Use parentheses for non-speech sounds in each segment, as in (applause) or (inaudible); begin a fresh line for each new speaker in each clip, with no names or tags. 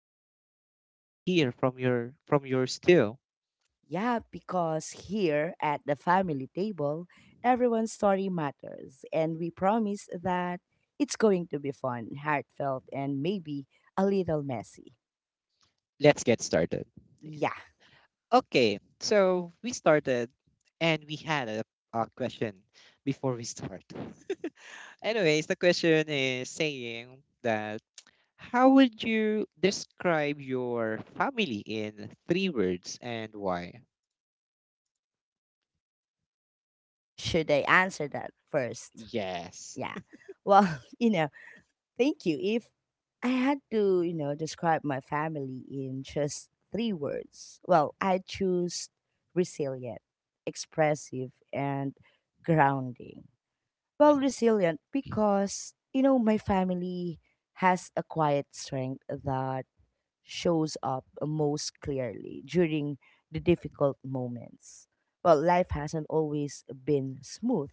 families and hear from your from yours too.
Yeah, because here at the family table, everyone's story matters, and we promise that it's going to be fun, heartfelt, and maybe a little messy.
Let's get started.
Yeah,
Okay, so we started and we had a question before we start. Anyways, the question is saying that how would you describe your family in three words and why?
should I answer that first?
Yes.
Yeah. Well, (laughs) you know, thank you. If I had to, you know, describe my family in just three words, well, I choose resilient, expressive, and grounding. Well,
Hmm.
resilient because, you know, my family has a quiet strength that shows up most clearly during the difficult moments. Well, life hasn't always been smooth,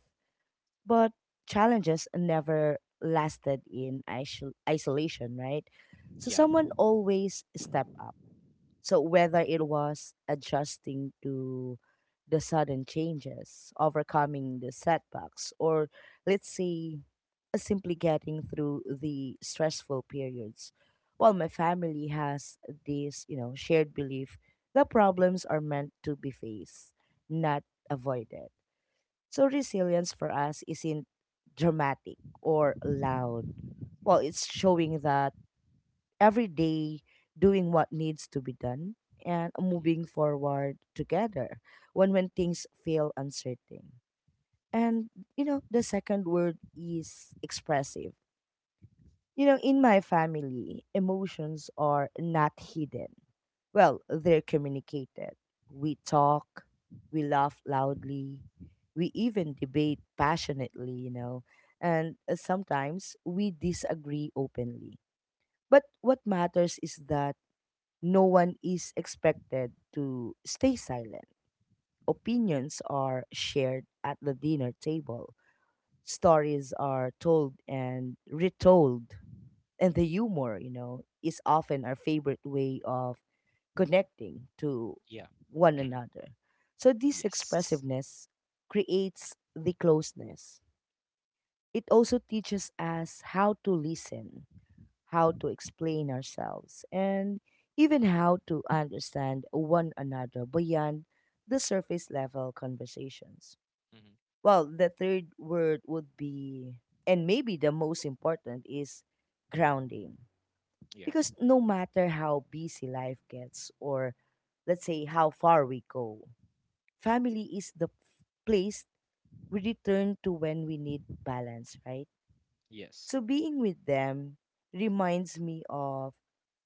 but challenges never lasted in isolation, right? So
Yeah.
someone always stepped up. So whether it was adjusting to the sudden changes, overcoming the setbacks, or let's say simply getting through the stressful periods. While my family has this, you know, shared belief that problems are meant to be faced, not avoided. So resilience for us isn't dramatic or loud. Well, it's showing that every day doing what needs to be done and
Hmm.
moving forward together when things feel uncertain. And you know, the second word is expressive. You know, in my family, emotions are not hidden. Well, they're communicated. We talk, we laugh loudly, we even debate passionately, you know, and sometimes we disagree openly. But what matters is that no one is expected to stay silent. Opinions are shared at the dinner table, stories are told and retold, and the humor, you know, is often our favorite way of connecting to
Yeah.
one another. So this
Yes.
expressiveness creates the closeness. It also teaches us how to listen, how to explain ourselves, and even how to understand one another beyond the surface level conversations.
Hmm.
Well, the third word would be, and maybe the most important, is grounding,
Yeah.
because no matter how busy life gets, or let's say how far we go, family is the place we return to when we need balance, right?
Yes.
So being with them reminds me of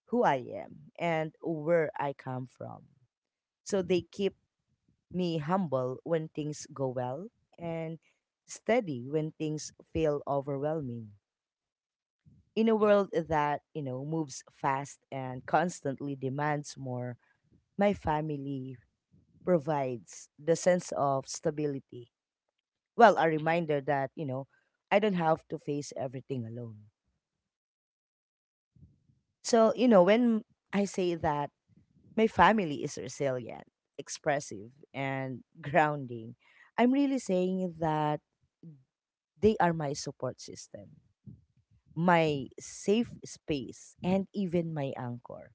who I am and where I come from. So they keep me humble when things go well, and steady when things feel overwhelming. In a
Hmm.
world that, you know, moves fast and constantly demands more, my family provides the sense of stability. Well, a
Hmm.
reminder that, you know, I don't have to face everything alone. So, you know, when I say that my family is resilient, expressive, and (laughs) grounding, I'm really saying that they are my support system, my safe space, and even my anchor.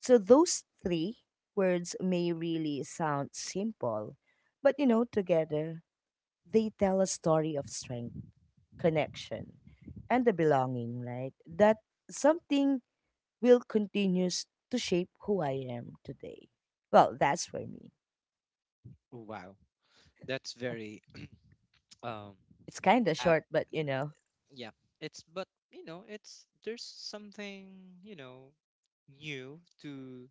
So, those three words may really sound simple, but you know, together they tell a story of strength, connection, and the belonging, right? That something will continues to shape who I am today. Well, that's for me.
Wow. That's
(laughs) Uh,
very um
it's kind of
uh,
short, but you know.
yeah. It's but you know, it's there's something new to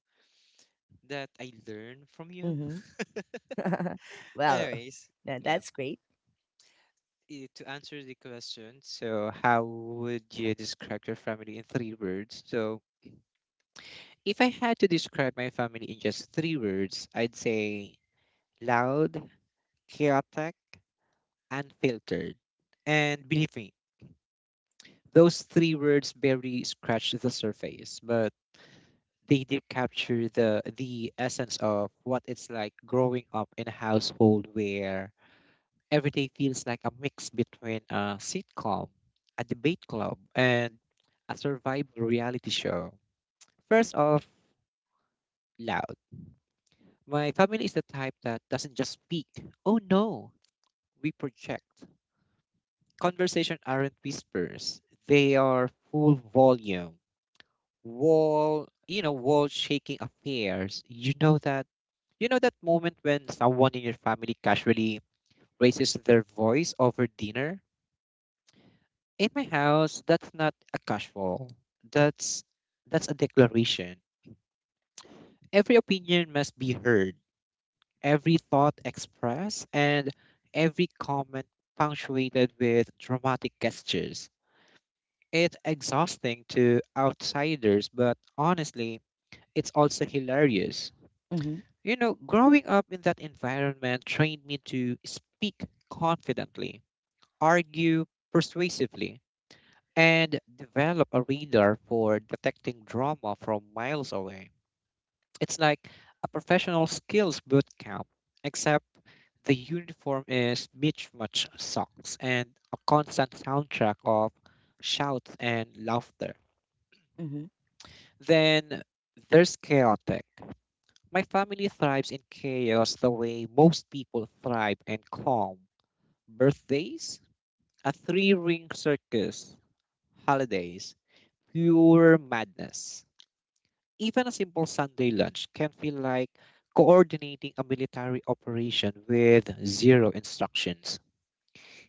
that I learn from you.
Mm-hmm. (laughs)
(laughs)
Well,
Anyways,
no,
yeah.
that's great.
To answer the question, so how would you describe your family in three words? So, if I had to describe my family in just three words, I'd say loud, chaotic, unfiltered. And believe me, those three words barely scratch the surface, but they did capture the essence of what it's like growing up in a household where every day feels like a mix between a sitcom, a debate club, and a survival reality show. First off, loud. My family is the type that doesn't just speak. Oh no, we project. Conversation aren't whispers. They are full volume. Wall, you know, wall shaking affairs. You know that moment when someone in your family casually raises their voice over dinner? In my house, that's not a casual. That's that's a declaration. Every opinion must be heard, every thought expressed, and every comment punctuated with dramatic gestures. It's exhausting to outsiders, but honestly, it's also hilarious.
Mm-hmm.
You know, growing up in that environment trained me to speak confidently, argue persuasively, and develop a radar for detecting drama from miles away. It's like a professional skills boot camp, except the uniform is mismatched socks and a constant soundtrack of shouts and laughter.
Mm-hmm.
Then there's chaotic. My family thrives in chaos the way most people thrive in calm. Birthdays, a three ring circus, holidays, pure madness. Even a simple Sunday lunch can feel like coordinating a military operation with zero instructions.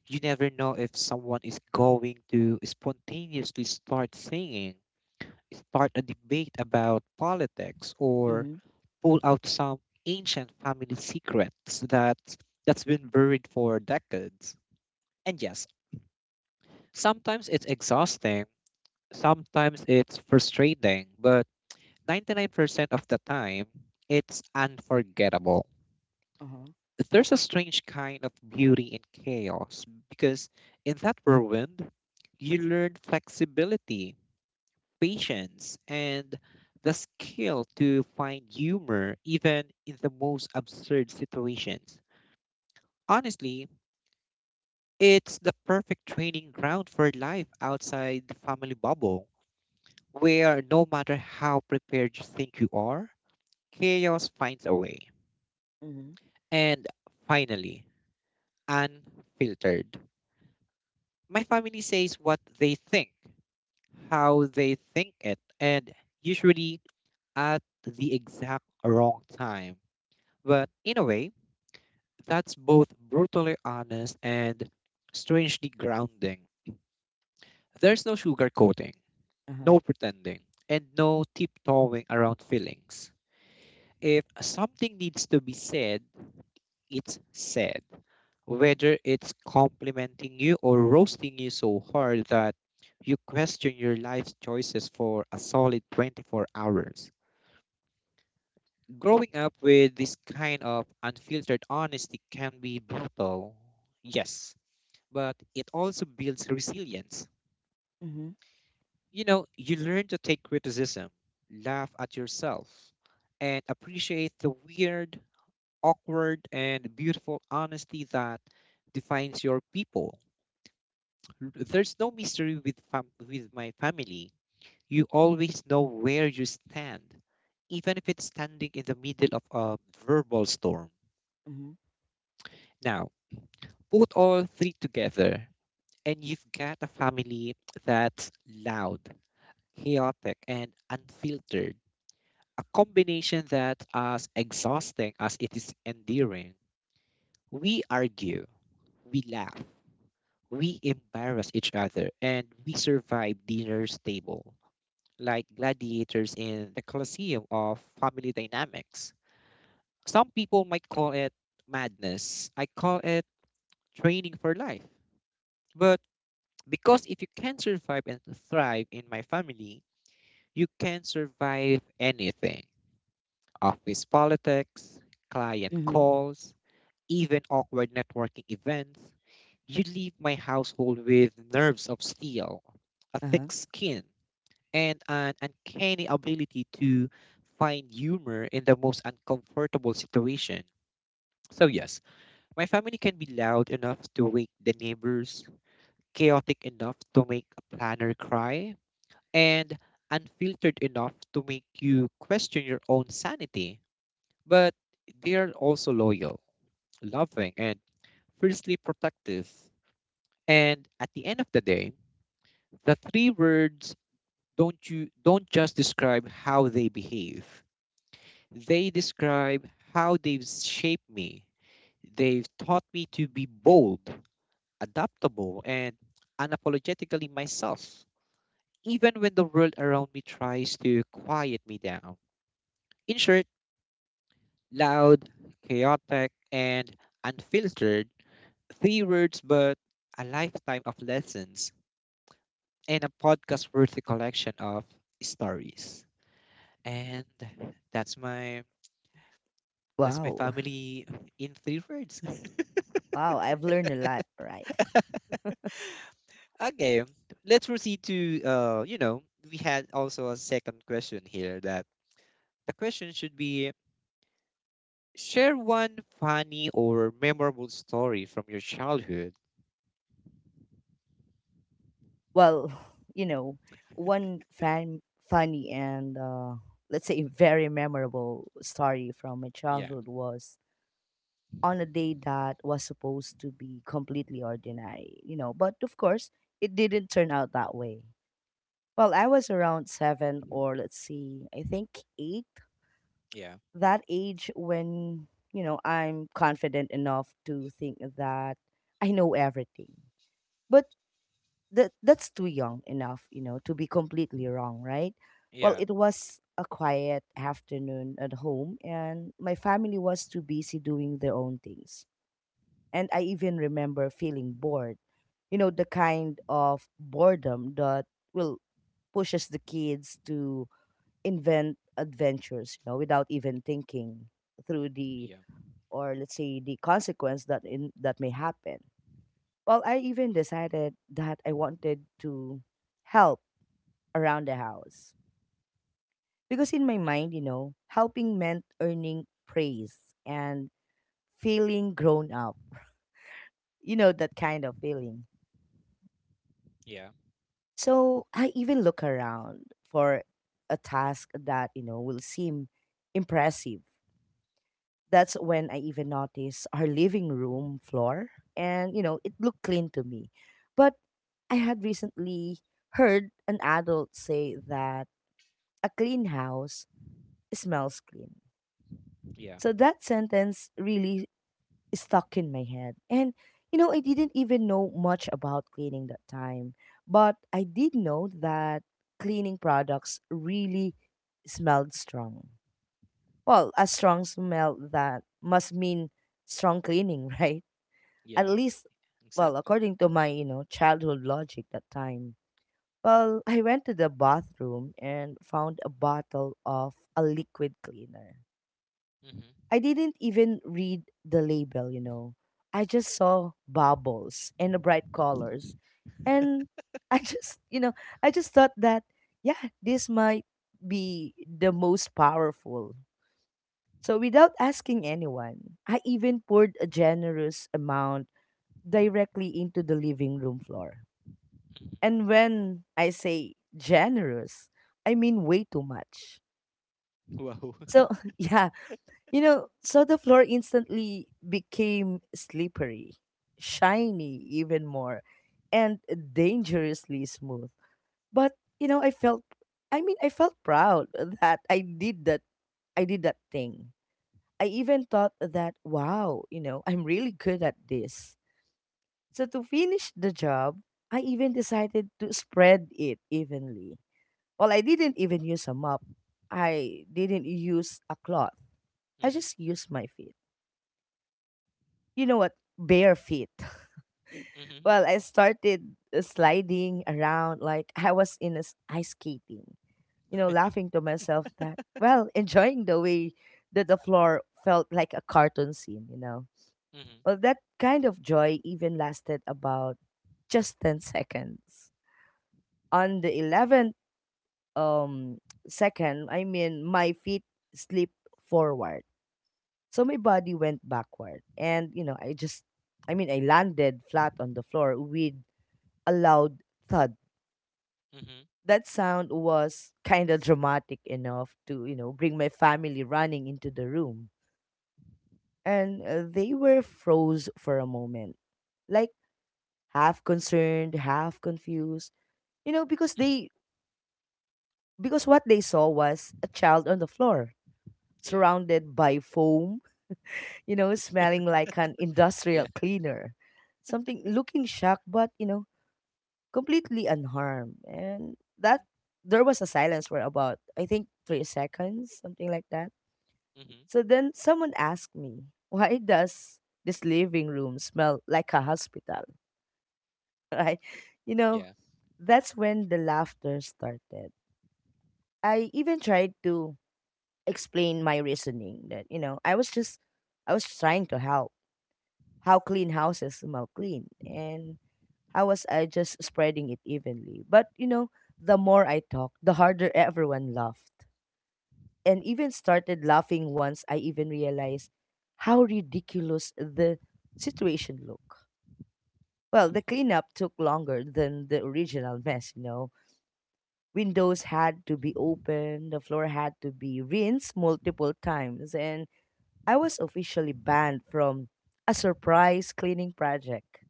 You never know if someone is going to spontaneously start singing, start a debate about politics, or
Mm-hmm.
pull out some ancient family secrets that that's been buried for decades. And yes, sometimes it's exhausting, sometimes it's frustrating, but 99% of the time, it's unforgettable.
Uh-huh.
There's a strange kind of beauty in chaos because in that whirlwind, you learn flexibility, patience, and the skill to find humor even in the most absurd situations. Honestly, it's the perfect training ground for life outside the family bubble, where no matter how prepared you think you are, chaos finds a way.
Mm-hmm.
And finally, unfiltered. My family says what they think, how they think it, and usually at the exact wrong time. But in a way, that's both brutally honest and strangely grounding. There's no sugarcoating,
Uh-huh.
no pretending, and no tiptoeing around feelings. If something needs to be said, it's said,
Uh-huh.
whether it's complimenting you or roasting you so hard that you question your life's choices for a solid 24 hours. Growing up with this kind of unfiltered honesty can be brutal, yes, but it also builds resilience.
Mm-hmm.
You know, you learn to take criticism, laugh at yourself, and appreciate the weird, awkward, and beautiful honesty that defines your people. There's no mystery with with my family. You always know where you stand, even if it's standing in the middle of a verbal storm.
Mm-hmm.
Now, put all three together, and you've got a family that's loud, chaotic, and unfiltered. A combination that's as exhausting as it is endearing. We argue, we laugh, we embarrass each other, and we survive dinner's table like gladiators in the Colosseum of family dynamics. Some people might call it madness. I call it training for life. But because if you can survive and thrive in my family, you can survive anything: office politics, client
Mm-hmm.
calls, even awkward networking events. You leave my household with nerves of steel, a
Uh-huh.
thick skin, and an uncanny ability to find humor in the most uncomfortable situation. So, yes, my family can be loud enough to wake the neighbors, chaotic enough to make a planner cry, and unfiltered enough to make you question your own sanity. But they are also loyal, loving, and fiercely protective. And at the end of the day, the three words don't you don't just describe how they behave. They describe how they've shaped me. They've taught me to be bold, adaptable, and unapologetically myself, even when the world around me tries to quiet me down. In short, loud, chaotic, and unfiltered, three words, but a lifetime of lessons and a podcast worthy collection of stories. And that's my that's my
Wow.
family in three words.
Wow, I've learned a lot, right?
Okay, let's proceed to you know, we had also a second question here that the question should be share one funny or memorable story from your childhood.
Well, (laughs) you know, one funny and let's say very memorable story from my
Yeah,
childhood was on a day that was supposed to be completely ordinary, you know, but of course it didn't turn out that way. Well, I was around seven or let's see, I think eight,
yeah,
that age when, you know, I'm confident enough to think that I know everything. But that's too young enough, you know, to be completely wrong, right? Well,
yeah,
it was a quiet afternoon at home and my family was too busy doing their own things. And I even remember feeling bored. You know, the kind of boredom that will pushes the kids to invent adventures, you know, without even thinking through the
yeah,
or let's say the consequence that in that may happen. Well, I even decided that I wanted to help around the house, because in my mind, you know, helping meant earning praise and feeling grown up. (laughs) You know, that kind of feeling.
yeah,
So I even look around for a task that, you know, will seem impressive. That's when I even noticed our living room floor. And, you know, it looked clean to me. But I had recently heard an adult say that a clean house smells clean.
yeah,
So that sentence really stuck in my head. And, you know, I didn't even know much about cleaning that time, but I did know that cleaning products really smelled strong. Well, a strong smell that must mean strong cleaning, (laughs) right? At
yeah.
least, well,
Exactly.
according to my, you know, childhood logic that time. Well, I went to the bathroom and found a bottle of a liquid cleaner.
Mm-hmm.
I didn't even read the label, you know. I just saw bubbles and the bright colors. And (laughs) I just, you know, I just thought that, yeah, this might be the most powerful. So without asking anyone, I even poured a generous amount directly into the living room floor. And when I say generous, I mean way too much.
Mm-hmm. Wow. (laughs)
So, (laughs) yeah, you know, so the floor instantly became slippery, shiny even more, and dangerously smooth. But, you know, I mean, I felt proud (laughs) that I did that thing. I even thought that wow, you know, I'm really good at this. So to finish the job, I even decided to spread it evenly. Well, I didn't even use a mop. I didn't use a cloth. I just used my feet. You know what, bare feet.
Mm-hmm.
(laughs)
Mm-hmm.
Well, I started sliding around like I was in a ice skating, you know, laughing to myself that, well, (laughs) enjoying the way that the floor felt like a cartoon scene, you know.
Mm-hmm.
Well, that kind of joy even lasted about just 10 (laughs) seconds. On the 11th um second, I mean, my feet slipped forward, so my body went backward, and you know, I mean, I landed flat on the floor with a loud thud.
Mm-hmm. Mm-hmm.
That sound was kind of dramatic enough to, you know, bring my family running into the room. And they were froze for a moment, like half concerned, half confused, you know,
Mm-hmm.
because what they saw was a child on the floor,
Yeah.
surrounded by foam, (laughs) you know, smelling like an industrial
Yeah.
cleaner. Something looking shocked but, you know, completely unharmed. And that
Mm-hmm.
there was a silence for about I think 3 seconds, something like that.
Mm-hmm.
So then someone asked me, (laughs) why does this living room smell like a hospital? (laughs) Right? You know,
Yeah.
that's when the laughter started. I even tried to explain my reasoning that, you know, I was trying to help how clean houses smell clean. And how was I just spreading it evenly? But you know, the more I talked, the harder everyone laughed. And even started laughing once I even realized how ridiculous the situation looked. Well,
Mm-hmm.
the cleanup took longer than the original mess, you know. Windows had to be opened, the floor had to be rinsed multiple times, and I was officially banned from a surprise cleaning project.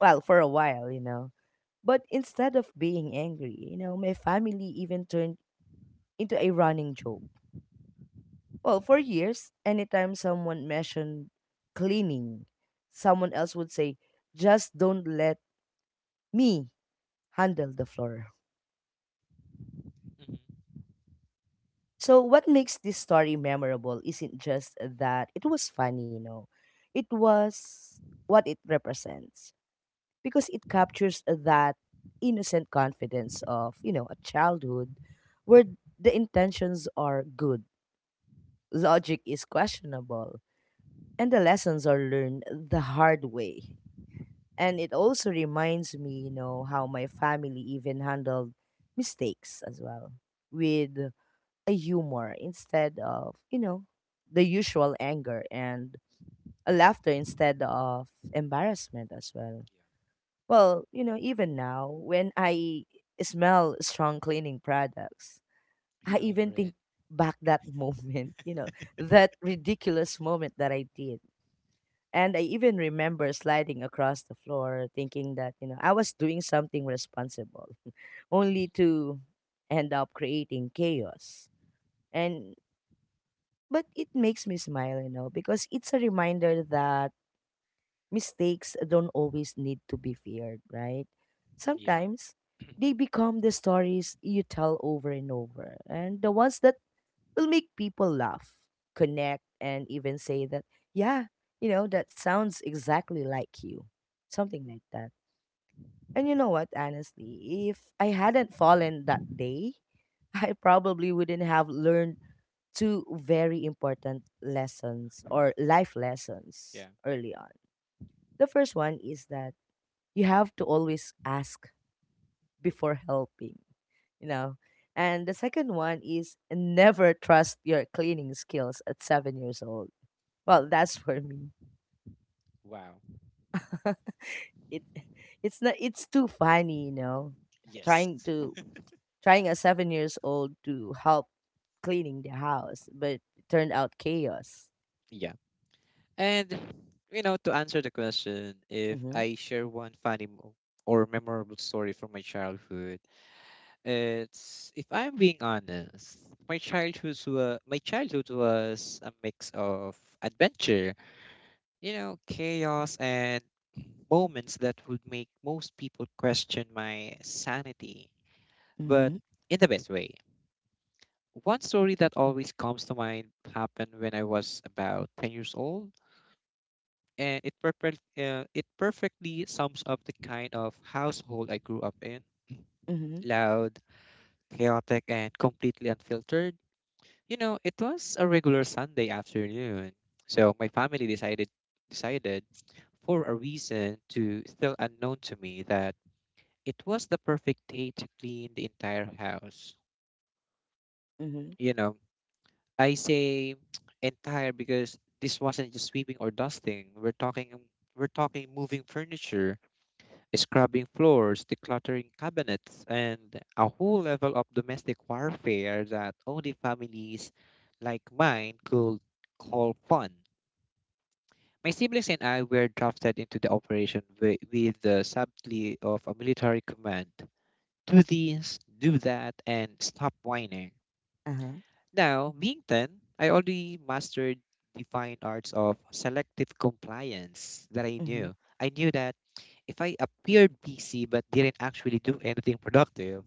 Well, for a while, you know. But instead of being angry, you know, my family even turned into a running joke. Well, for years, anytime someone mentioned cleaning, someone else would say, just don't let me handle the floor.
Mm-hmm.
So, what makes this story memorable isn't just that it was funny, you know, it was what it represents, because it captures that innocent confidence of, you know, a childhood where the intentions are good, logic is questionable, and the lessons are learned the hard way. And it also reminds me, you know, how my family even handled mistakes as well, with a humor instead of, you know, the usual anger, and a laughter instead of embarrassment as well.
Yeah.
Well, you know, even now, when I smell strong cleaning products,
You
I
remember
even think
it.
back that (laughs) moment, you know, that ridiculous moment that I did. And I even remember sliding across the floor thinking that, you know, I was doing something responsible, (laughs)
Mm-hmm.
only to end up creating chaos. And but it makes me smile, you know, because it's a reminder that mistakes don't always need to be feared, right?
Yeah.
Sometimes they become the stories you tell over and over, and the ones that will make people laugh, connect, and even say that, yeah, you know, that sounds exactly like you. Something like that. And you know what, honestly, if I hadn't fallen that day, (laughs) I probably wouldn't have learned two very important lessons or life lessons
Yeah.
early on. The first one is that you have to always ask before helping, you know. And the second one is never trust your cleaning skills at 7 years old. Well, that's for me.
Wow.
(laughs) it it's not it's too funny, you know.
Yes.
Trying to trying a 7 years old to help cleaning the house, but it turned out chaos.
Yeah. And, you know, to answer the question, if
Mm-hmm.
I share one funny or memorable story from my childhood, it's if I'm being honest, my childhood was a mix of adventure, you know, chaos and moments that would make most people question my sanity, but
Mm-hmm.
in the best way. One story that always comes to mind happened when I was about 10 years old, and it perfectly sums up the kind of household I grew up in.
Mm-hmm.
Loud, chaotic, and completely unfiltered. You know, it was a regular Sunday afternoon, so my family decided for a reason to still unknown to me that it was the perfect day to clean the entire house.
Mm-hmm.
You know, I say (tsk) entire because this wasn't just sweeping or dusting. We're talking moving furniture, scrubbing floors, decluttering cabinets, and a whole level of domestic warfare that only families like mine could call fun. My siblings and I were drafted into the operation with the subtlety of a military command. Do this, do that, and stop whining.
Uh-huh.
Now, being 10, I already mastered the fine arts of selective compliance that I
Mm-hmm.
knew. I knew that if I appeared busy but didn't actually do anything productive,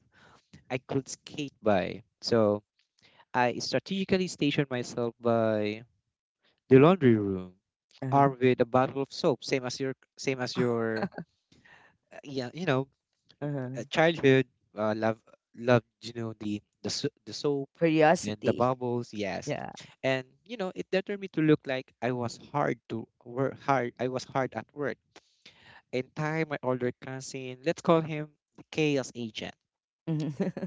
I could skate by. So I strategically stationed myself by the laundry room,
Uh-huh.
armed with a bottle of soap, same as yeah, you know,
Uh-huh.
childhood uh, love loved, you know, the soap and the
Curiosity.
bubbles, yes,
(laughs) Yeah.
and you know it determined me to look like I was hard at work. In time, my older cousin, let's call him the chaos agent,
Mm-hmm.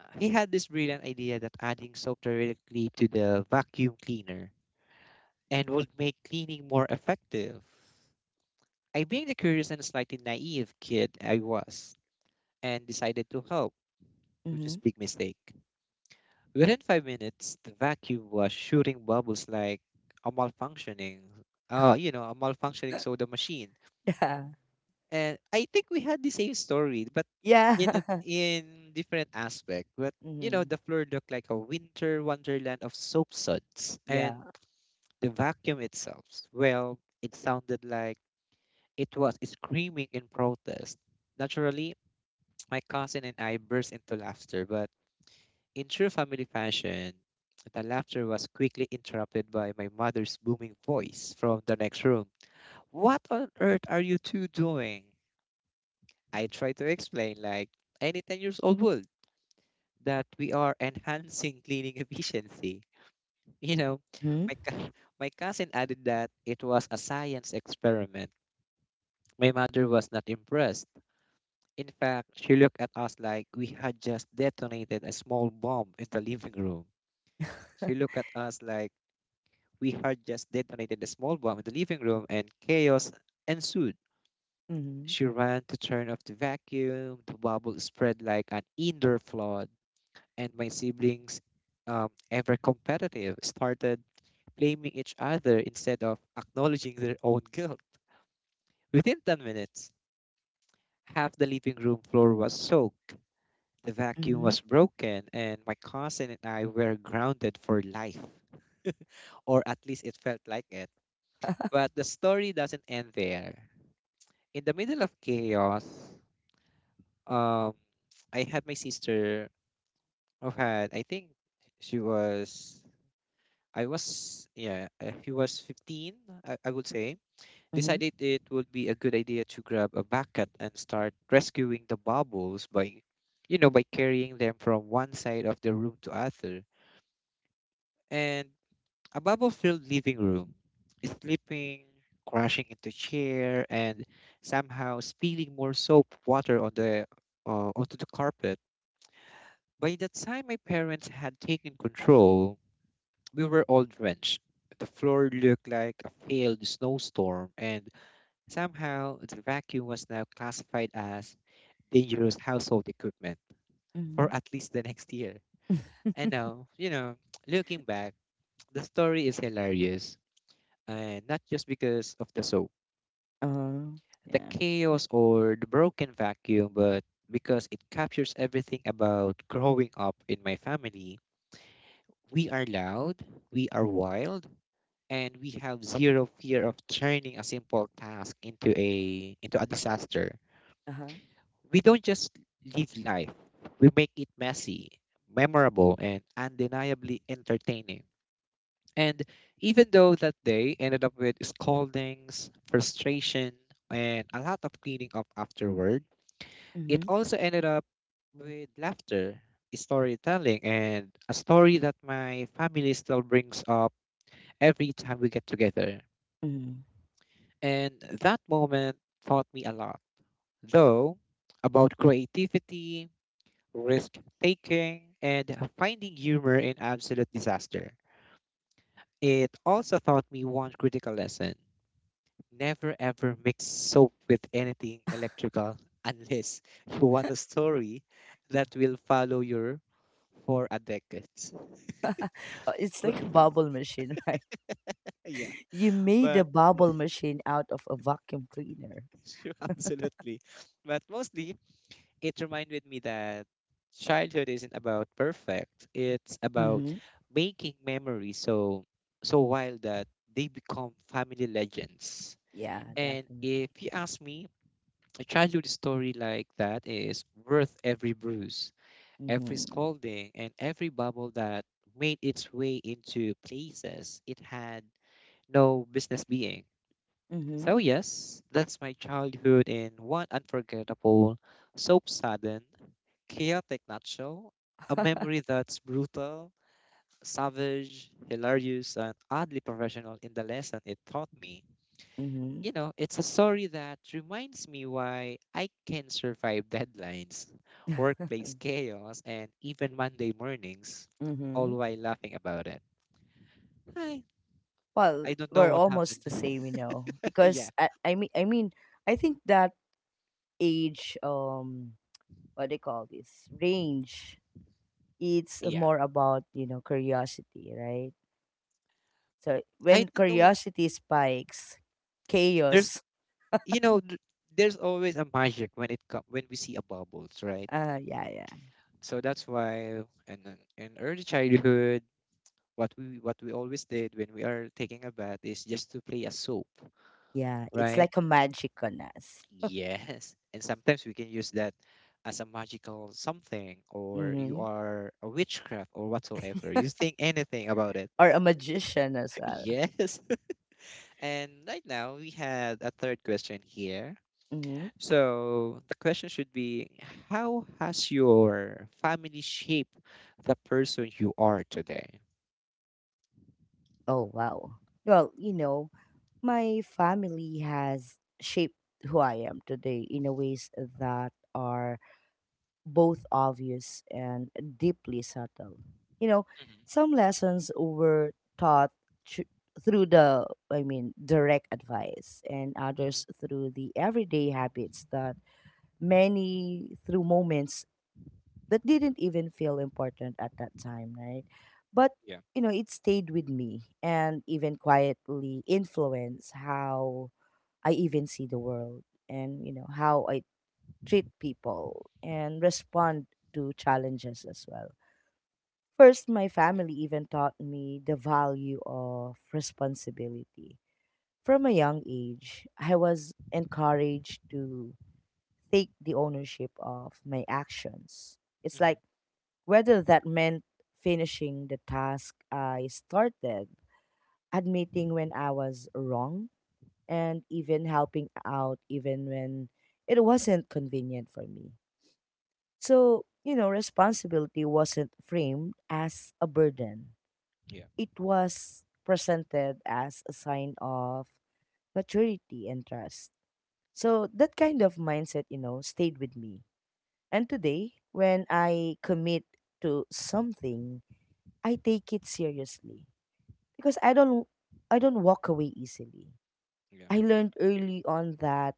he had this brilliant idea that adding soap directly to the vacuum cleaner and would make cleaning more effective. I, being the curious and slightly naive kid I was, and decided to help, which is
(laughs)
big mistake. Within 5 minutes, the vacuum was shooting bubbles like a malfunctioning, a malfunctioning soda machine.
Yeah.
And I think we had the same story, but
Yeah. (laughs)
in different aspect. But you know,
Mhm.
the floor looked like a winter wonderland of soap suds, and
Yeah.
the vacuum itself, well, it sounded like it was screaming in protest. Naturally, my cousin and I burst into laughter, but in true family fashion, the laughter was quickly interrupted by my mother's booming voice from the next room. What on earth are you two doing? I tried to explain, like any 10 years old would, that we are enhancing cleaning (laughs) efficiency. You know,
Mhm.
my, cou- (laughs) my cousin added that it was a science experiment. My mother was not impressed. In fact, she looked at us like we had just detonated a small bomb in the living room. She looked at us like we had just detonated a small bomb in the living room, and chaos ensued.
Mhm.
She ran to turn off the vacuum. The bubble spread like an indoor flood, and my siblings, ever competitive, started blaming each other instead of acknowledging their own guilt. Within 10 minutes, half the living room floor was soaked, the vacuum
Mhm.
was broken, and my cousin and I were grounded for life. Or at least it felt like it. But the story doesn't end there. In the middle of chaos, um, I had my sister who had, I think she was, she was 15, I would say,
Mhm.
decided it would be a good idea to grab a bucket and start rescuing the bubbles by carrying them from one side of the room to other. And A bubble filled living room, slipping, crashing into chair, and somehow spilling more soap water on the onto the carpet. By the time my parents had taken control, we were all drenched. The floor looked like a failed snowstorm, and somehow the vacuum was now classified as dangerous household equipment for
Mhm.
at least the next year. I
(laughs) (laughs)
know, you know, Looking back, the story is hilarious, and not just because of the soap the
Yeah.
chaos or the broken vacuum, but because it captures everything about growing up in my family. We are loud, we are wild, and we have zero fear of turning a simple task into a disaster.
Uh-huh.
We don't just live life. We make it messy, memorable, and undeniably entertaining. And even though that day ended up with scoldings, frustration, and a lot of cleaning up afterward, it
Mhm.
also ended up with laughter, storytelling, and a story that my family still brings up every time we get together.
Mhm.
And that moment taught me a lot, though, about creativity, risk taking, and finding humor in absolute disaster. It also taught me one critical lesson: never ever mix soap with anything electrical (laughs) unless you want a story that will follow your for a decade.
It's like a
(laughs)
bubble machine, (laughs) right?
Yeah,
You made a
but
bubble machine out of a vacuum cleaner.
sure, (laughs) absolutely. But mostly, it reminded me that childhood isn't about perfect. It's about
Mhm.
making memories so wild that they become family legends.
Yeah,
And
definitely.
if you ask me, a childhood story like that is worth every bruise, every
Mhm.
scolding, and every bubble that made its way into places it had no business being.
Mhm.
So, yes, that's my childhood in one unforgettable, soap sudden, chaotic nutshell. A memory that's brutal, savage, hilarious, and oddly professional in the lesson it taught me.
Mhm.
You know, it's a story that reminds me why I can survive (laughs) deadlines, workplace
(laughs)
chaos, and even Monday mornings, all
Mm-hmm.
while laughing about it. I,
Well,
I don't know
we're
what happened.
almost the same, you know,
(laughs) Yeah,
because I think that age, what do you call this range, it's
yeah.
more about, you know, curiosity, right? So
I
when
don't know.
curiosity spikes
There's.
chaos.
you know th- there's always a magic when when we see a bubbles, right?
Uh, yeah, yeah,
So that's why, and in early childhood, what we always did when we are taking a bath is just to play a soap,
yeah, it's
right?
like a magic on us.
Yes, and sometimes we can use that as a magical something, or you
Mm-hmm.
are a witchcraft or whatsoever you think anything about it.
Or a magician as
(laughs)
well.
Yes. (laughs) And right now we had a third question here.
Mm-hmm.
So the question should be: how has your family shaped the person you are today?
Oh wow, well, you know, my family has shaped who I am today in a ways that are both obvious and deeply subtle. You know,
Mm-hmm.
some lessons were taught thr- through the, I mean, direct advice, and
Mm-hmm.
others through the everyday habits that many through moments that didn't even feel important at that time, right? But,
Yeah.
you know, it stayed with me and even quietly influenced how I even see the world and, you know, how I treat people, and respond to challenges as well. First, my
Yeah.
family even taught me the value of responsibility. From a young age, I was encouraged to take the ownership of my actions. It's
Mm-hmm.
like whether that meant finishing the task I started, admitting when I was wrong, and even helping out even when it wasn't convenient for me. So, you know, responsibility wasn't framed as a burden.
Yeah.
It was presented as a sign of maturity and trust. So, that kind of mindset, you know, stayed with me. And today, when I commit to something, I take it seriously because I don't walk away easily.
Yeah.
I learned early on that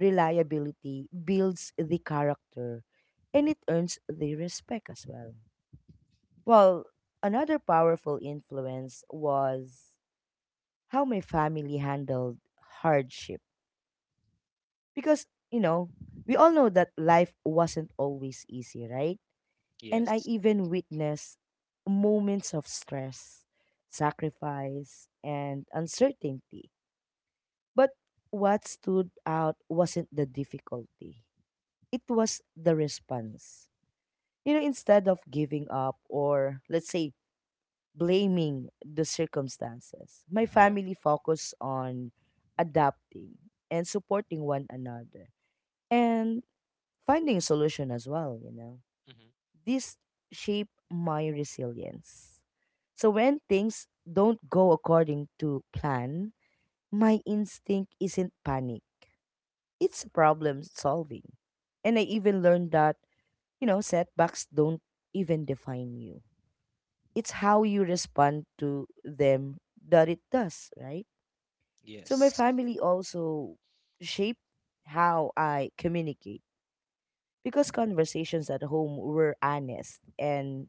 reliability builds the character and it earns the respect as well. Well, another powerful influence was how my family handled hardship. Because, you know, we all know that life wasn't always easy, right? And I
Yes.
even witnessed moments of stress, sacrifice, and uncertainty. But what stood out wasn't the difficulty, it was the response. You know, instead of giving up or, let's say, blaming the circumstances, my
Yeah.
family focused on adapting and supporting one another and finding a solution as well, you know.
Mm-hmm.
This shaped my resilience. So when things don't go according to plan, my instinct isn't panic. It's problem solving. And I even learned that, you know, setbacks don't even define you, it's how you respond to them that it does, right? So my
Yes.
family also shape how I communicate because conversations at home were honest and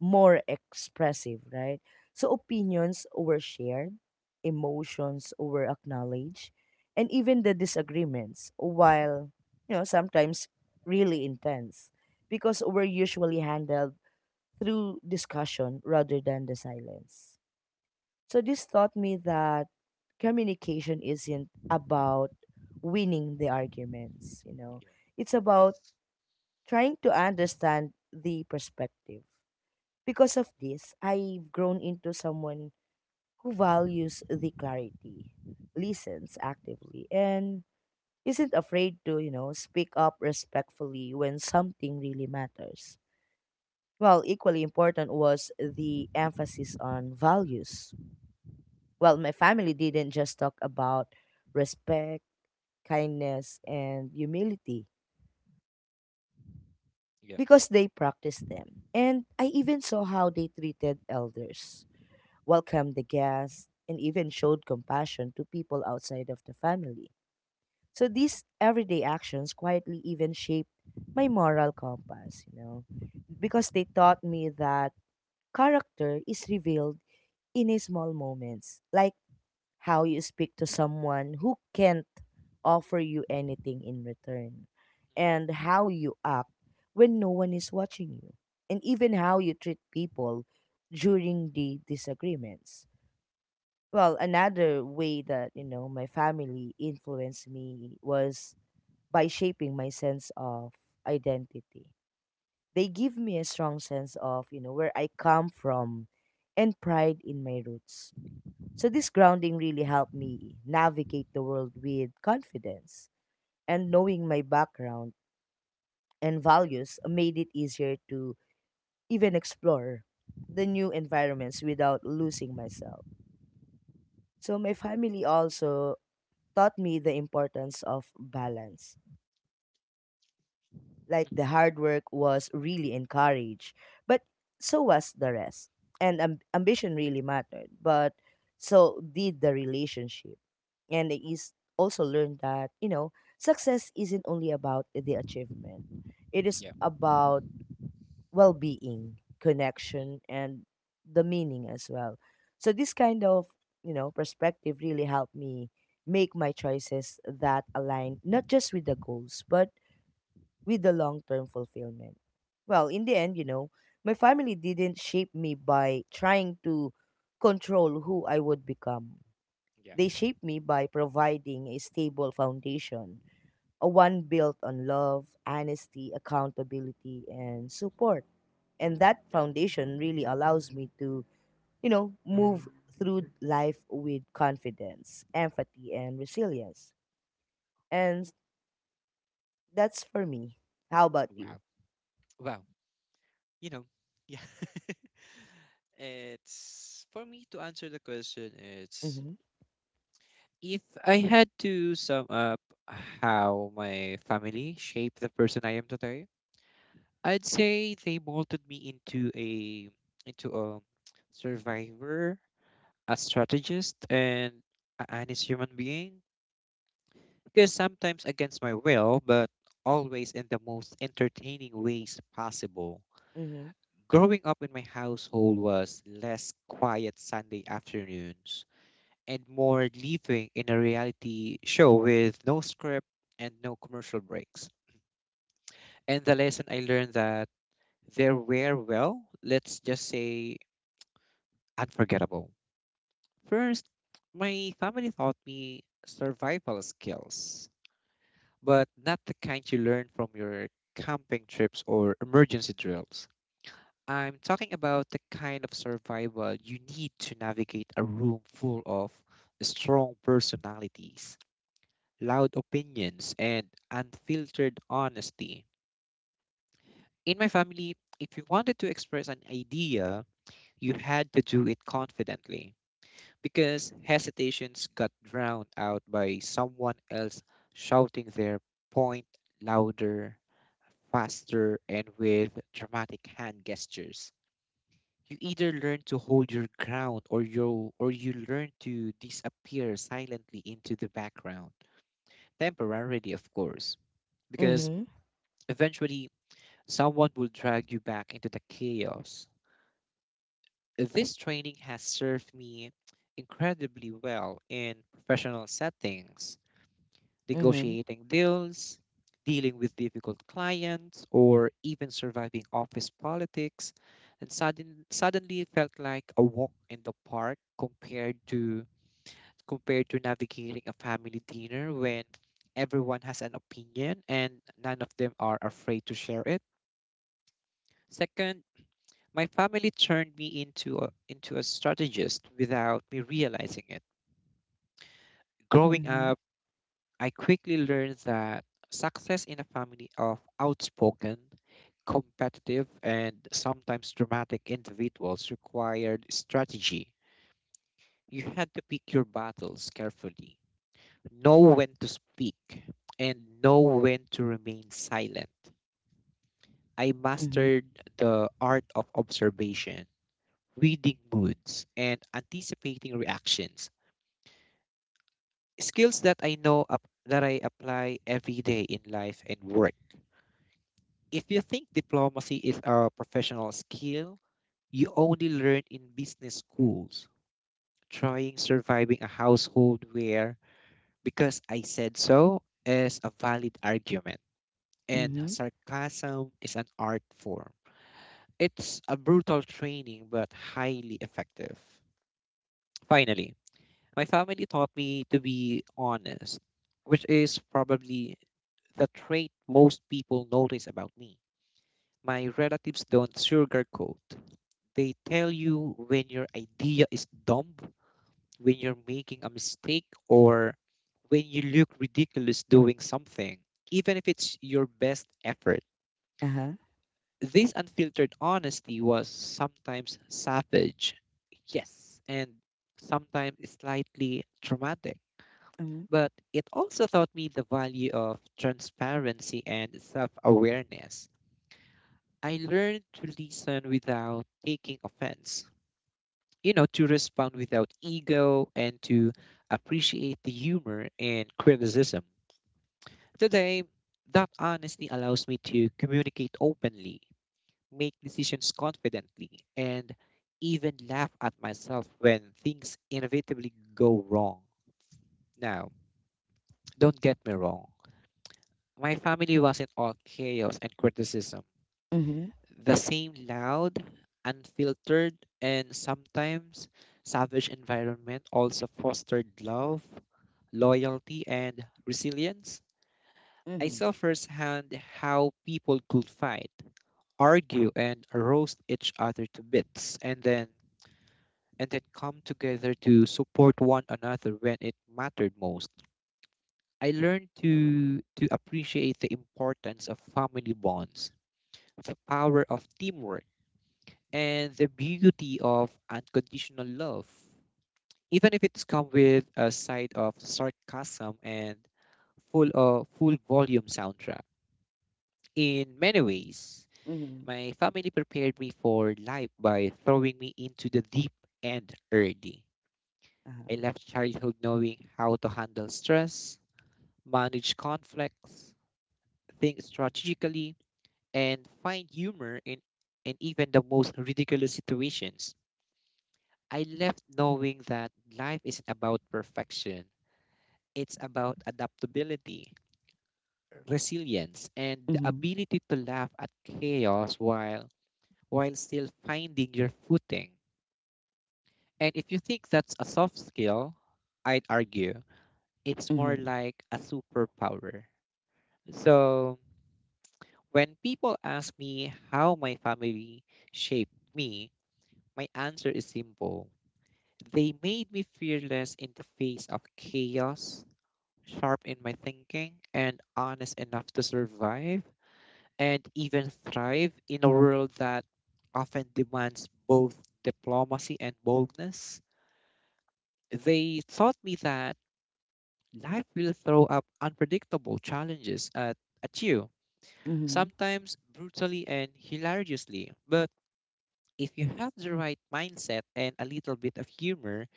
more expressive, right? So opinions were shared, emotions were acknowledged, and even the disagreements, while, you know, sometimes really intense, because were usually handled through discussion rather than the silence. So this taught me that communication isn't about winning the arguments, you know.
Yeah.
It's about
Yes.
trying to understand the perspective. Because of this, I've grown into someone who values the clarity, listens actively, and isn't afraid to, you know, speak up respectfully when something really matters. Well, equally important was the emphasis on values. Well, my family didn't just talk about respect, kindness, and humility
Yeah.
because they practiced them. And I even saw how they treated elders, welcomed the guests, and even showed compassion to people outside of the family. So these everyday actions quietly even shaped my moral compass, you know, because they taught me that character is revealed in a small moments, like how you speak to someone who can't offer you anything in return, and how you act when no one is watching you, and even how you treat people during the disagreements. Well, another way that, you know, my family influenced me was by shaping my sense of identity. They give me a strong sense of, you know, where I come from and pride in my roots, so this grounding really helped me navigate the world with confidence. And knowing my background and values made it easier to even explore the new environments without losing myself. So my family also taught me the importance of balance. Like
Mm-hmm.
the hard work was really encouraged, but so was the rest. And ambition really mattered, but so did the relationship. And I is also learned that, you know, success isn't only about the achievement. It is
Yeah.
about well-being,
Mm-hmm.
connection, and the meaning as well. So this kind of, you know, perspective really helped me make my choices that align not just with the goals but with the long term fulfillment. Well, in the end, you know, my family didn't shape me by trying to control who I would become.
Yeah.
They shaped me by providing a stable foundation, a one built on love, honesty, accountability, and support. And that
Yeah.
foundation really allows me to, you know, move through life with confidence, empathy, and resilience. And that's for me. How about you?
Wow. Wow. You know. Yeah. (laughs) It's for me to answer the question. It's
Mhm.
if I had to sum up how my family shaped the person I am today, I'd say they molded me into a survivor, a strategist, and an honest human being. Because sometimes against my will, but always in the most entertaining ways possible.
Mhm.
Growing up in my household was less quiet Sunday afternoons and more living in a reality show with no script and no commercial breaks. And the lesson I learned that there were, well, let's just say, unforgettable. First, my family taught me survival skills, but not the kind you learn from your camping trips or emergency drills. I'm talking about the kind of survival you need to navigate a room full of strong personalities, loud opinions, and unfiltered honesty. In my family, if you wanted to express an idea, you had to do it confidently, because hesitations got drowned out by someone else shouting their point louder, faster, and with dramatic hand gestures. You either learn to hold your ground or you learn to disappear silently into the background, temporarily, of course, because
Mhm.
eventually, someone will drag you back into the chaos. This training has served me incredibly well in professional settings,
Mhm.
negotiating deals, dealing with difficult clients, or even surviving office politics. And suddenly, it felt like a walk in the park compared to navigating a family dinner when everyone has an opinion and none of them are afraid to share it. Second, my family turned me into a strategist without me realizing it. Growing
Mhm.
up, I quickly learned that success in a family of outspoken, competitive, and sometimes dramatic individuals required strategy. You had to pick your battles carefully, know when to speak, and know when to remain silent. I
Mhm.
mastered the art of observation, reading moods, and anticipating reactions. Skills that I know up, that I apply every day in life and work. If you think diplomacy is a professional skill, you only learn in business schools. Trying surviving a household where because I said so is a valid argument and
Mhm.
sarcasm is an art form. It's a brutal training but highly effective. Finally, my family taught me to be honest, which is probably the trait most people notice about me. My relatives don't sugarcoat. They tell you when your idea is dumb, when you're making a mistake, or when you look ridiculous doing something, even if it's your best effort.
Uh-huh.
This unfiltered honesty was sometimes savage, yes, and sometimes slightly traumatic,
Mhm.
but it also taught me the value of transparency and self awareness. I learned to listen without taking offense, you know, to respond without ego and to appreciate the humor and criticism. Today, that honesty allows me to communicate openly, make decisions confidently, and even laugh at myself when things inevitably go wrong. Now, don't get me wrong. My family wasn't all chaos and criticism.
Mhm.
The same loud, unfiltered, and sometimes savage environment also fostered love, loyalty, and resilience. I
Mhm.
saw firsthand how people could fight, argue, and roast each other to bits, and then come together to support one another when it mattered most. I learned to appreciate the importance of family bonds, the power of teamwork and the beauty of unconditional love. Even if it's come with a side of sarcasm and full volume soundtrack. In many ways,
Mhm.
my family prepared me for life by throwing me into the deep end early. I
Uh-huh.
left childhood knowing how to handle stress, manage conflicts, think strategically, and find humor in even the most ridiculous situations. I left knowing that life isn't about perfection, it's about adaptability, resilience, and the
Mhm.
ability to laugh at chaos while still finding your footing. And if you think that's a soft skill, I'd argue it's more
Mhm.
like a superpower. So, when people ask me how my family shaped me, my answer is simple. They made me fearless in the face of chaos, sharp in my thinking, and honest enough to survive and even thrive in a world that often demands both diplomacy and boldness. They taught me that life will throw up unpredictable challenges at you,
Mhm.
sometimes brutally and hilariously. But if you have the right mindset and a little bit of humor,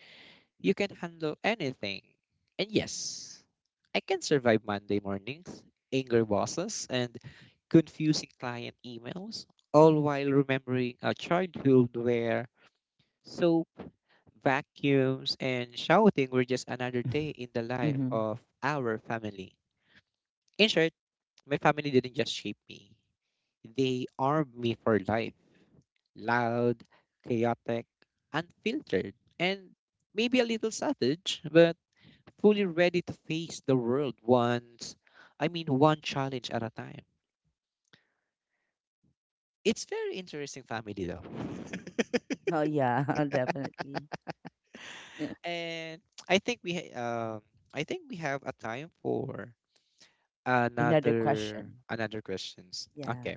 you can handle anything. And yes, I can survive Monday mornings, angry bosses, and confusing client emails, all while remembering a childhood where soap, vacuums, and shouting were just another day
(laughs)
in the life
Mm-hmm.
of our family. In short, my family didn't just shape me, they armed me for life: loud, chaotic, unfiltered, and maybe a little savage, but fully ready to face the world once, I mean, one challenge at a time. It's very interesting family though. (laughs)
Oh yeah, (laughs) definitely. (laughs)
And I think we I think we have a time for
Another question.
another questions.
Yeah.
Okay.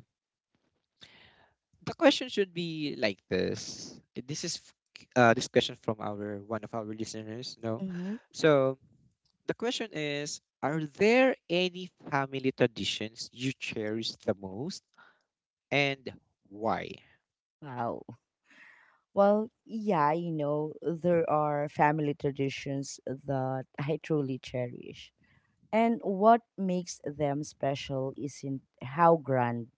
The question should be like this. This is this question from our one of our listeners, no?
Mm-hmm.
So the question is, are there any family traditions you cherish the most and why?
Wow. Well, yeah, you know, there are family traditions that I truly cherish. And what makes them special isn't how grand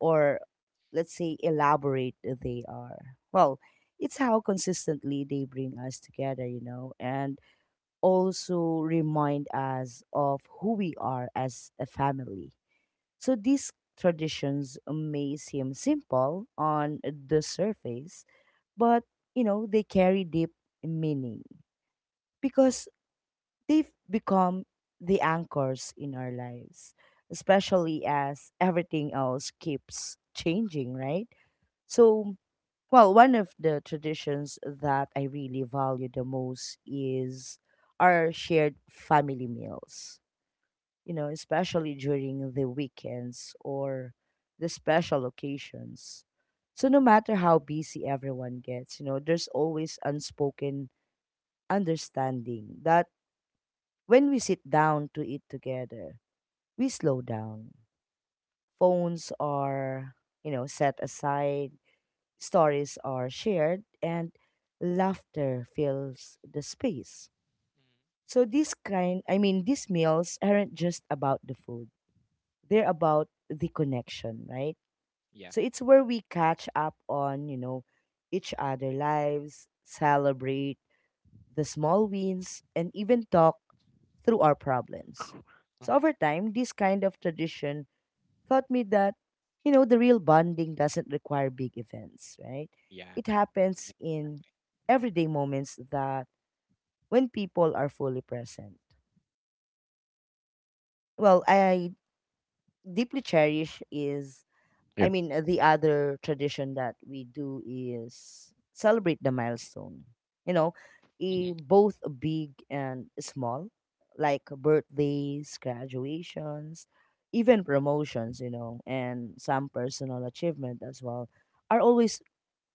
or, let's say, elaborate they are. Well, it's how consistently they bring us together, you know, and also remind us of who we are as a family. So these traditions may seem simple on the surface, but, you know, they carry deep meaning because they've become the anchors in our lives, especially as everything else keeps changing, right? So, well, one of the traditions that I really value the most is our shared family meals, you know, especially during the weekends or the special occasions. So, no matter how busy everyone gets, you know, there's always unspoken understanding that when we sit down to eat together, we slow down. Phones are, you know, set aside, stories are shared, and laughter fills the space. So this kind, I mean, these meals aren't just about the food. They're about the connection, right? So it's where we catch up on, you know, each other lives, celebrate the small wins, and even talk through our problems. So over
Mm-hmm.
time, this kind of tradition taught me that, you know, the real bonding doesn't require big events, right?
Yeah.
It happens
Yeah.
in everyday moments that when people are fully present. Well, I deeply cherish is, I mean, the other tradition that we do is celebrate the milestone. You know,
Mm-hmm.
both big and small, like birthdays, graduations, even promotions, you know, and some personal achievement as well are always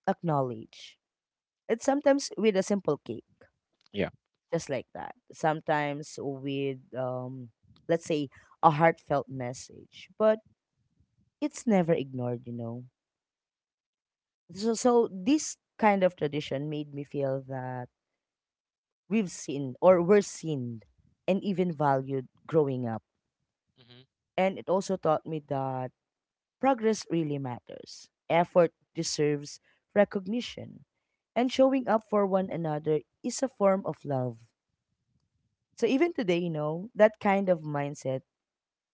acknowledged. It's sometimes with a simple cake,
Yeah.
just like that. Sometimes with, let's say, a heartfelt message, but it's never ignored, you know. So, so this kind of tradition made me feel that we've seen or were seen and even valued growing up.
Mm-hmm.
And it also taught me that progress really matters. Effort deserves recognition. And showing up for one another is a form of love. So even today, you know, that kind of mindset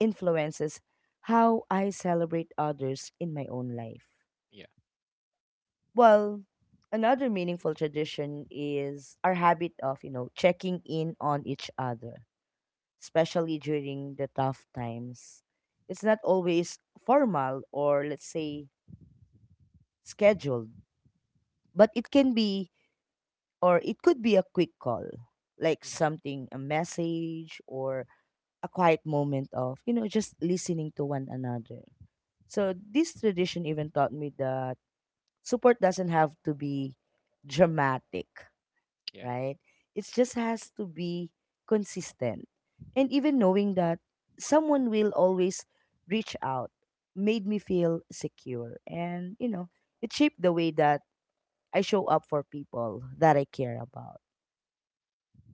influences how I celebrate others in my own life.
Yeah.
Well, another meaningful tradition is our habit of, you know, checking in on each other, especially during the tough times. It's not always formal or, let's say, scheduled, but it can be or it could be a quick call, like
Mm-hmm.
something a message or a quiet moment of, you know, just listening to one another. So this tradition even taught me that support doesn't have to be dramatic,
Yeah.
right? It just has to be consistent. And even knowing that someone will always reach out made me feel secure. And, you know, it shaped the way that I show up for people that I care about.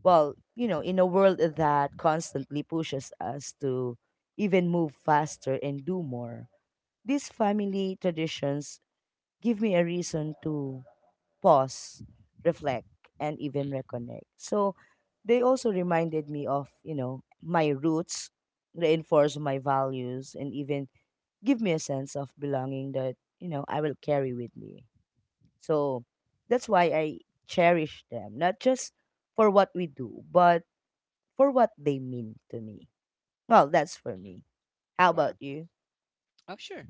Well, you know, in a world that constantly pushes us to even move faster and do more, these family traditions give me a reason to pause, reflect, and even
Mm-hmm. Yeah.
reconnect. So they also reminded me of, you know, my roots, reinforce my values, and even give me a sense of belonging that, you know, I will carry with me. So that's why I cherish them, not just for what we do, but for what they mean to me. Well, that's for
Mm-hmm.
me. How about
Wow.
you?
Oh, sure.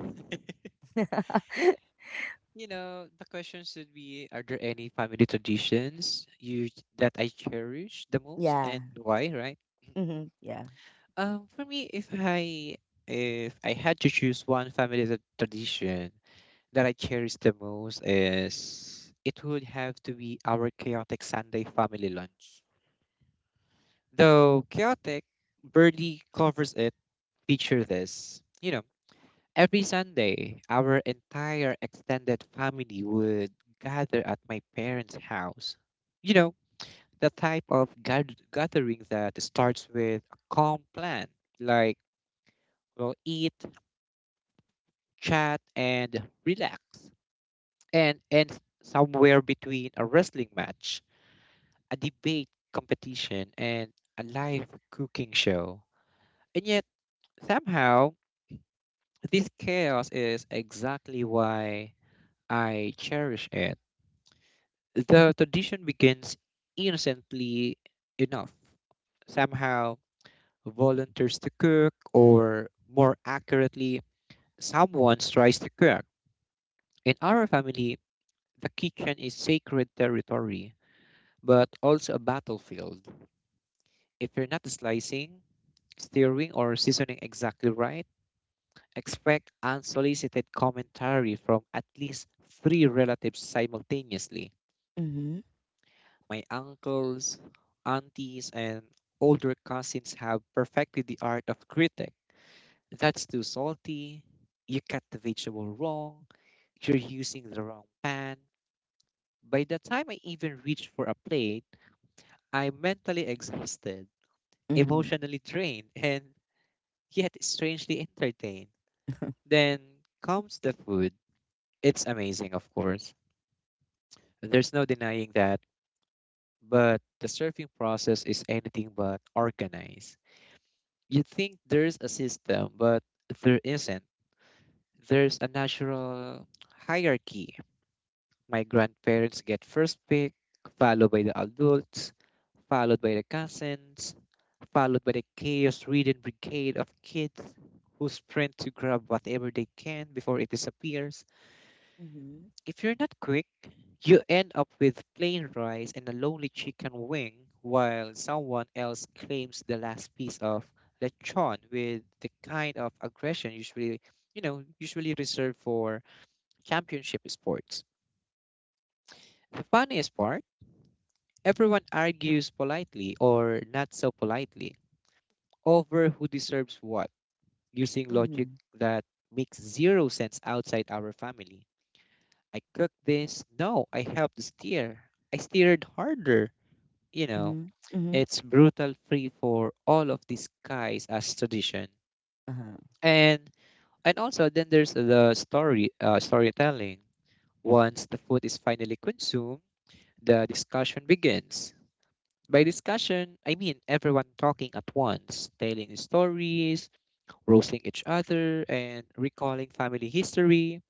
(laughs)
(laughs)
You know, the question should be, are there any family traditions you that I cherish the most
Yeah.
and why, right?
Mm-hmm. Yeah.
For me, if I had to choose one family tradition that I cherish the most, is it would have to be our chaotic Sunday family lunch. Though chaotic barely covers it, picture this. You know, every Sunday, our entire extended family would gather at my parents' house. You know, the type of gathering that starts with a calm plan, like we'll eat, chat, and relax, and ends somewhere between a wrestling match, a debate competition, and a live cooking show. And yet, somehow, this chaos is exactly why I cherish it. The tradition begins innocently enough. Somehow, volunteers to cook, or more accurately, someone tries to cook. In our family, the kitchen is sacred territory, but also a battlefield. If you're not slicing, stirring, or seasoning exactly right, expect unsolicited commentary from at least three relatives simultaneously.
Mm-hmm.
My uncles, aunties, and older cousins have perfected the art of critic. That's too salty. You cut the vegetable wrong. You're using the wrong pan. By the time I even reach for a plate, I'm mentally exhausted,
Mm-hmm.
emotionally drained, and yet strangely entertained.
(laughs)
Then comes the food. It's amazing, of course. There's no denying that, but the surfing process is anything but organized. You think there's a system, but there isn't. There's a natural hierarchy. My grandparents get first pick, followed by the adults, followed by the cousins, followed by the chaos ridden brigade of kids who sprint to grab whatever they can before it disappears.
Mm-hmm.
If you're not quick, you end up with plain rice and a lonely chicken wing while someone else claims the last piece of lechon with the kind of aggression usually, usually reserved for championship sports. The funniest part, everyone argues politely or not so politely over who deserves what, using logic
Mm-hmm.
that makes zero sense outside our family. I cooked this. No, I helped steer. I steered harder. you know,
Mm-hmm.
it's brutal free for all of these guys as tradition.
Uh-huh.
And and also then there's the storytelling. Once the food is finally consumed, the discussion begins. By discussion, I mean everyone talking at once, telling stories, roasting each other, and recalling family history.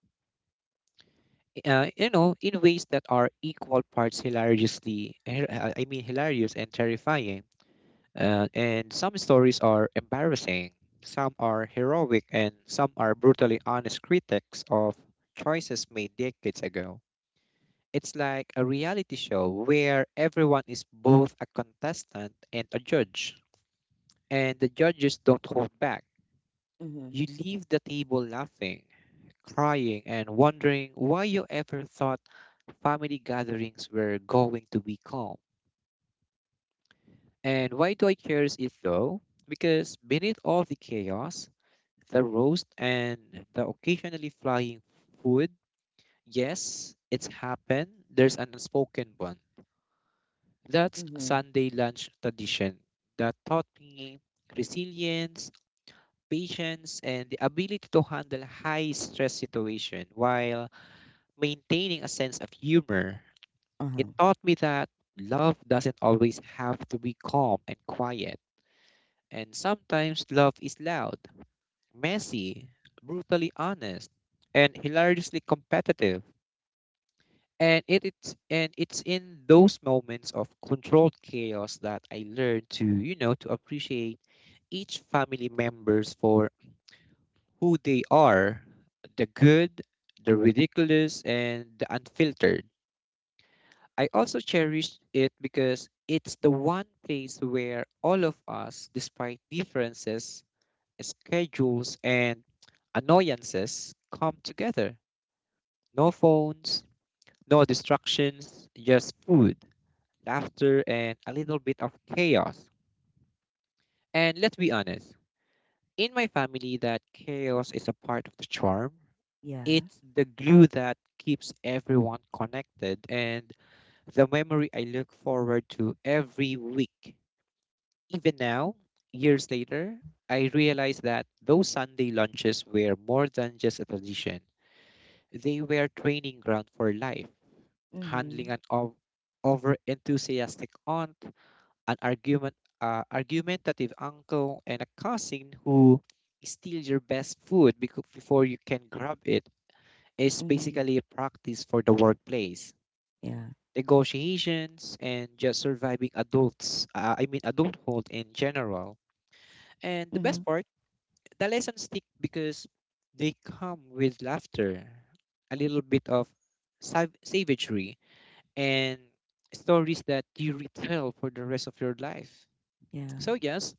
In ways that are equal parts hilariously, hi- I mean hilarious and terrifying. And some stories are embarrassing, some are heroic, and some are brutally honest critics of choices made decades ago. It's like a reality show where everyone is both a contestant and a judge, and the judges don't hold back.
Mhm.
You leave the table laughing, crying, and wondering why you ever thought family gatherings were going to be calm. And why do I cherish it though? Because beneath all the chaos, the roast and the occasionally flying food. Yes, it's happened. There's an unspoken bond. That's
Mhm.
Sunday lunch tradition that taught me resilience, patience, and the ability to handle high stress situation while maintaining a sense of humor. It
Uh-huh.
taught me that love doesn't always have to be calm and quiet, and sometimes love is loud, messy, brutally honest, and hilariously competitive. And it, it's and it's in those moments of controlled chaos that I learned to, to appreciate each family members for who they are, the good, the ridiculous, and the unfiltered. I also cherish it because it's the one place where all of us, despite differences, schedules, and annoyances, come together. No phones, no distractions, just food, laughter, and a little bit of chaos. And let's be honest, in my family, that chaos is a part of the charm.
Yeah.
It's the glue that keeps everyone connected and the memory I look forward to every week. Even now, years later, I realize that those Sunday lunches were more than just a tradition, they were training ground for life. Handling
Mhm.
an over enthusiastic aunt, an argumentative uncle, and a cousin who steals your best food before you can grab it is
Mhm.
basically a practice for the workplace.
Yeah.
Negotiations and just surviving adults, I mean adulthood in general. And the best
Mhm.
part, the lessons stick because they come with laughter, a little bit of savagery, and stories that you retell for the rest of your life.
Yeah.
So, yes,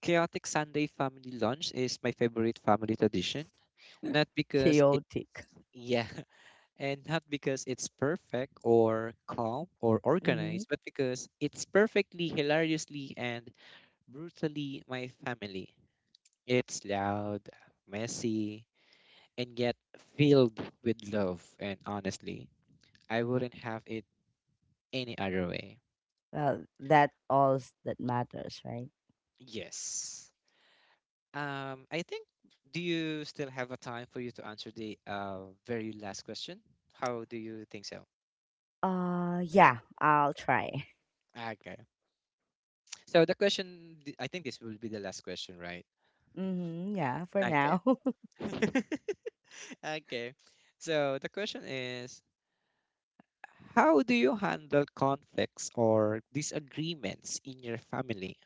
chaotic Sunday family lunch is my favorite family tradition. Not because it,
Chaotic.
yeah, (laughs) and not because it's perfect or calm or
Mhm.
organized, but because it's perfectly, hilariously, and brutally my family. It's loud, messy, and yet filled with love. And honestly, I wouldn't have it any other way.
Well, that all's that matters, right?
Yes. I think, do you still have a time for you to answer the very last question? How do you think so?
Yeah, I'll try. (laughs)
Okay. So the I think this will be the last question, right?
Mm-hmm. Yeah, for
Okay.
now. (laughs)
(laughs) Okay. So the question is, how do you handle conflicts or disagreements in your family?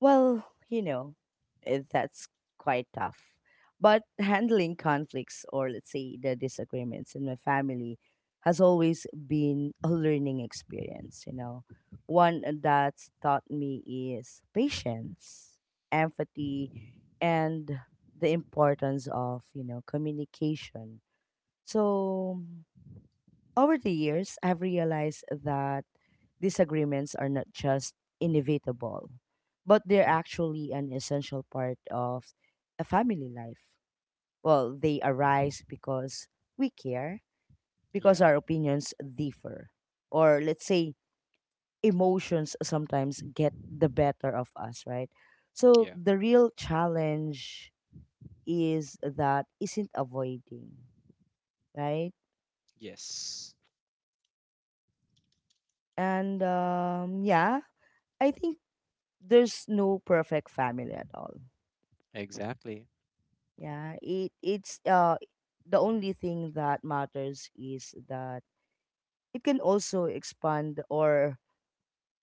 Well, you know, it, that's quite tough. But handling conflicts or, let's say, the disagreements in my family has always been a learning experience, you know. One that's taught me is patience, empathy, and the importance of, you know, communication. So over the years, I've realized that disagreements are not just inevitable, but they're
Mhm.
actually an essential part of a family life. Well, they arise because we care, because
Yeah.
our opinions differ, or, let's say, emotions sometimes get the better of us, right? So
Yeah.
the real challenge is that isn't avoiding, right?
Yes.
And yeah, I think there's no perfect family at all.
Exactly.
Yeah, it's the only thing that matters is that it can also expand or,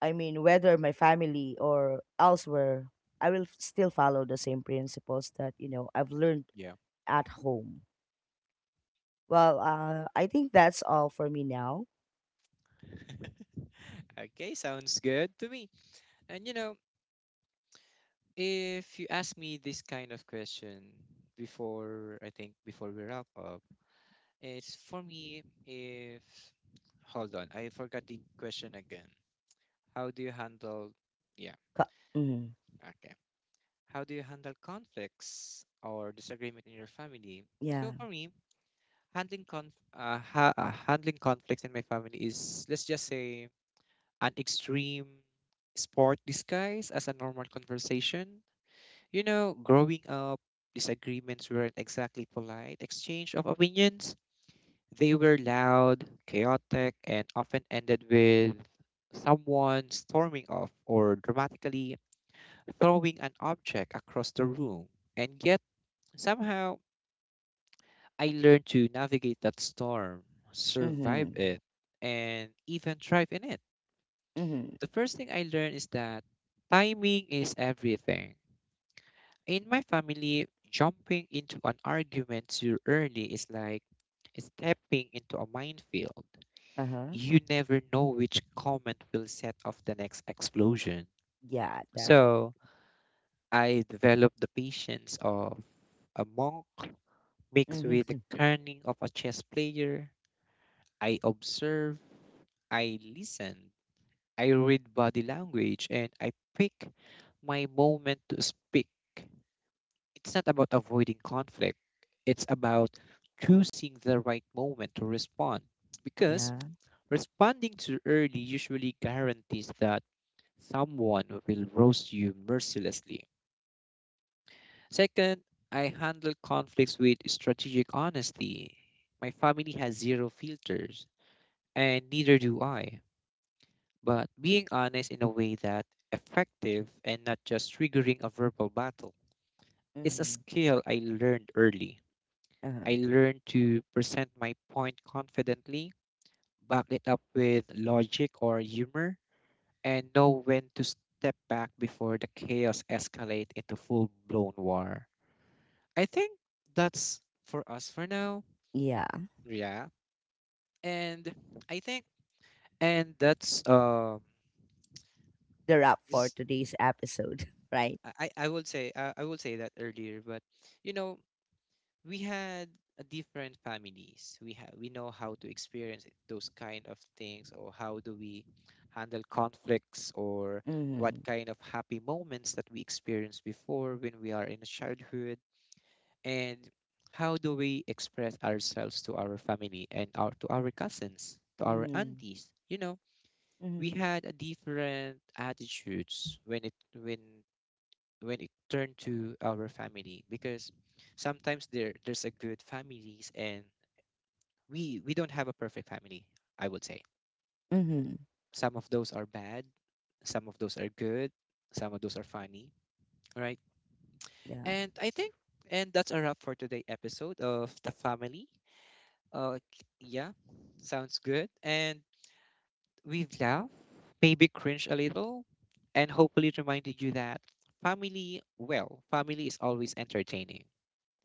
I mean, whether my family or elsewhere, I will still follow the same principles that, you know, I've learned
Yeah.
at home. Well, I think that's all for me now.
(laughs) Okay, sounds good to me. And you know, if you ask me this kind of question before, I think before we wrap up, it's for me if hold on, I forgot the question again. How do you handle, yeah,
Ka- mhm.
okay. How do you handle conflicts or disagreement in your family? So
Yeah.
for me, handling conf ha handling conflicts in my family is, let's just say, an extreme sport disguised as a normal conversation. You know, growing up, disagreements weren't exactly polite exchange of opinions. They were loud, chaotic, and often ended with someone storming off or dramatically throwing an object across the room. And yet, somehow, I learned to navigate that storm, survive
Mhm.
it, and even thrive in it.
Mhm.
The first thing I learned is that timing is everything. In my family, jumping into an argument too early is like stepping into a minefield.
Uh-huh.
You never know which comment will set off the next explosion.
Yeah, definitely.
So I developed the patience of a monk mixed
Mhm.
with the
(laughs)
cunning of a chess player. I observe, I listen, I read body language, and I pick my moment to speak. It's not about avoiding conflict, it's about choosing the right moment to respond. Because
Yeah.
responding too early usually guarantees that someone will roast you mercilessly. Second, I handle conflicts with strategic honesty. My family has zero filters, and neither do I. But being honest in a way that effective and not just triggering a verbal battle is a
Mhm.
skill I learned early.
Uh-huh.
I learned to present my point confidently, back it up with logic or humor, and know when to step back before the chaos escalate into full-blown war. I think that's for us for now.
Yeah,
Yeah. And I think and that's
the wrap for
is
today's episode, (laughs) right?
I would say that earlier, but you know we had a different families. We know how to experience those kind of things, or how do we handle conflicts, or what
Mm-hmm.
kind of happy moments that we experienced before when we are in childhood, and how do we express ourselves to our family and our to our cousins, to our
Mm-hmm.
aunties. You know, we
Mm-hmm.
had a different attitudes when it turned to our family because sometimes there's a good families and we don't have a perfect family, I would say.
Mm-hmm.
Some of those are bad, some of those are good, some of those are funny, right?
Yeah.
And I think and that's a wrap for today episode of the family uh yeah, sounds good. And we've laughed, maybe cringe a little, and hopefully reminded you that family is always entertaining.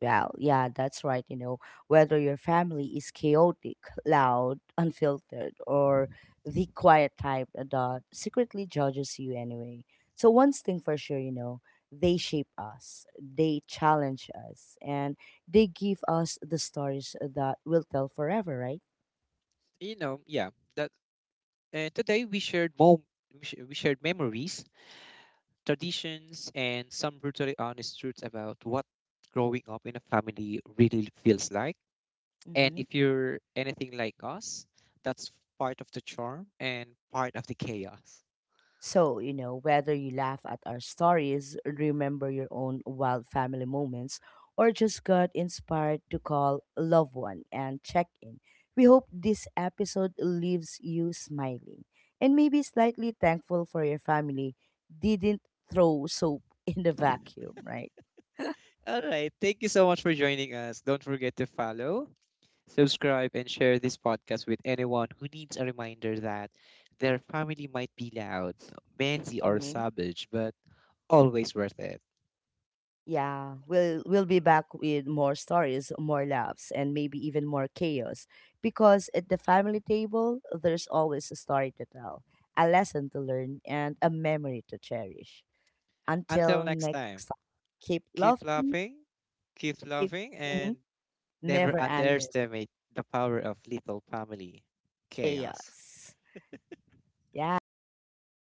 Well, yeah, that's right. You know, whether your family is chaotic, loud, (laughs) unfiltered, or the quiet type that secretly judges you anyway. So, one's thing for sure, you know, they shape us, they challenge us, and they give us the stories that we'll tell forever, right?
You know yeah that And today we shared mom- we sh- we shared memories, traditions, and some brutally honest truths about what growing up in a family really feels like. And
Mhm.
if you're anything like us, that's part of the charm and part of the chaos.
So, you know, whether you laugh at our stories, remember your own wild family moments, or just got inspired to call a loved one and check in, we hope this episode leaves you smiling and maybe slightly thankful for your family didn't throw soap (laughs) in the vacuum, right?
All right, thank you so much for joining us. Don't forget to follow, subscribe, and share this podcast with anyone who needs a reminder that their family might be loud, messy, or
Mm-hmm.
savage, but always worth it.
Yeah, we'll be back with more stories, more laughs, and maybe even more chaos. Because at the family table, there's always a story to tell, a lesson to learn, and a memory to cherish.
Until
Until
next time,
next time, keep
keep
laughing,
laughing, keep
keep
loving,
mhm,
and never
never endless
underestimate the power of little family chaos.
chaos. Yeah. Anyway, thank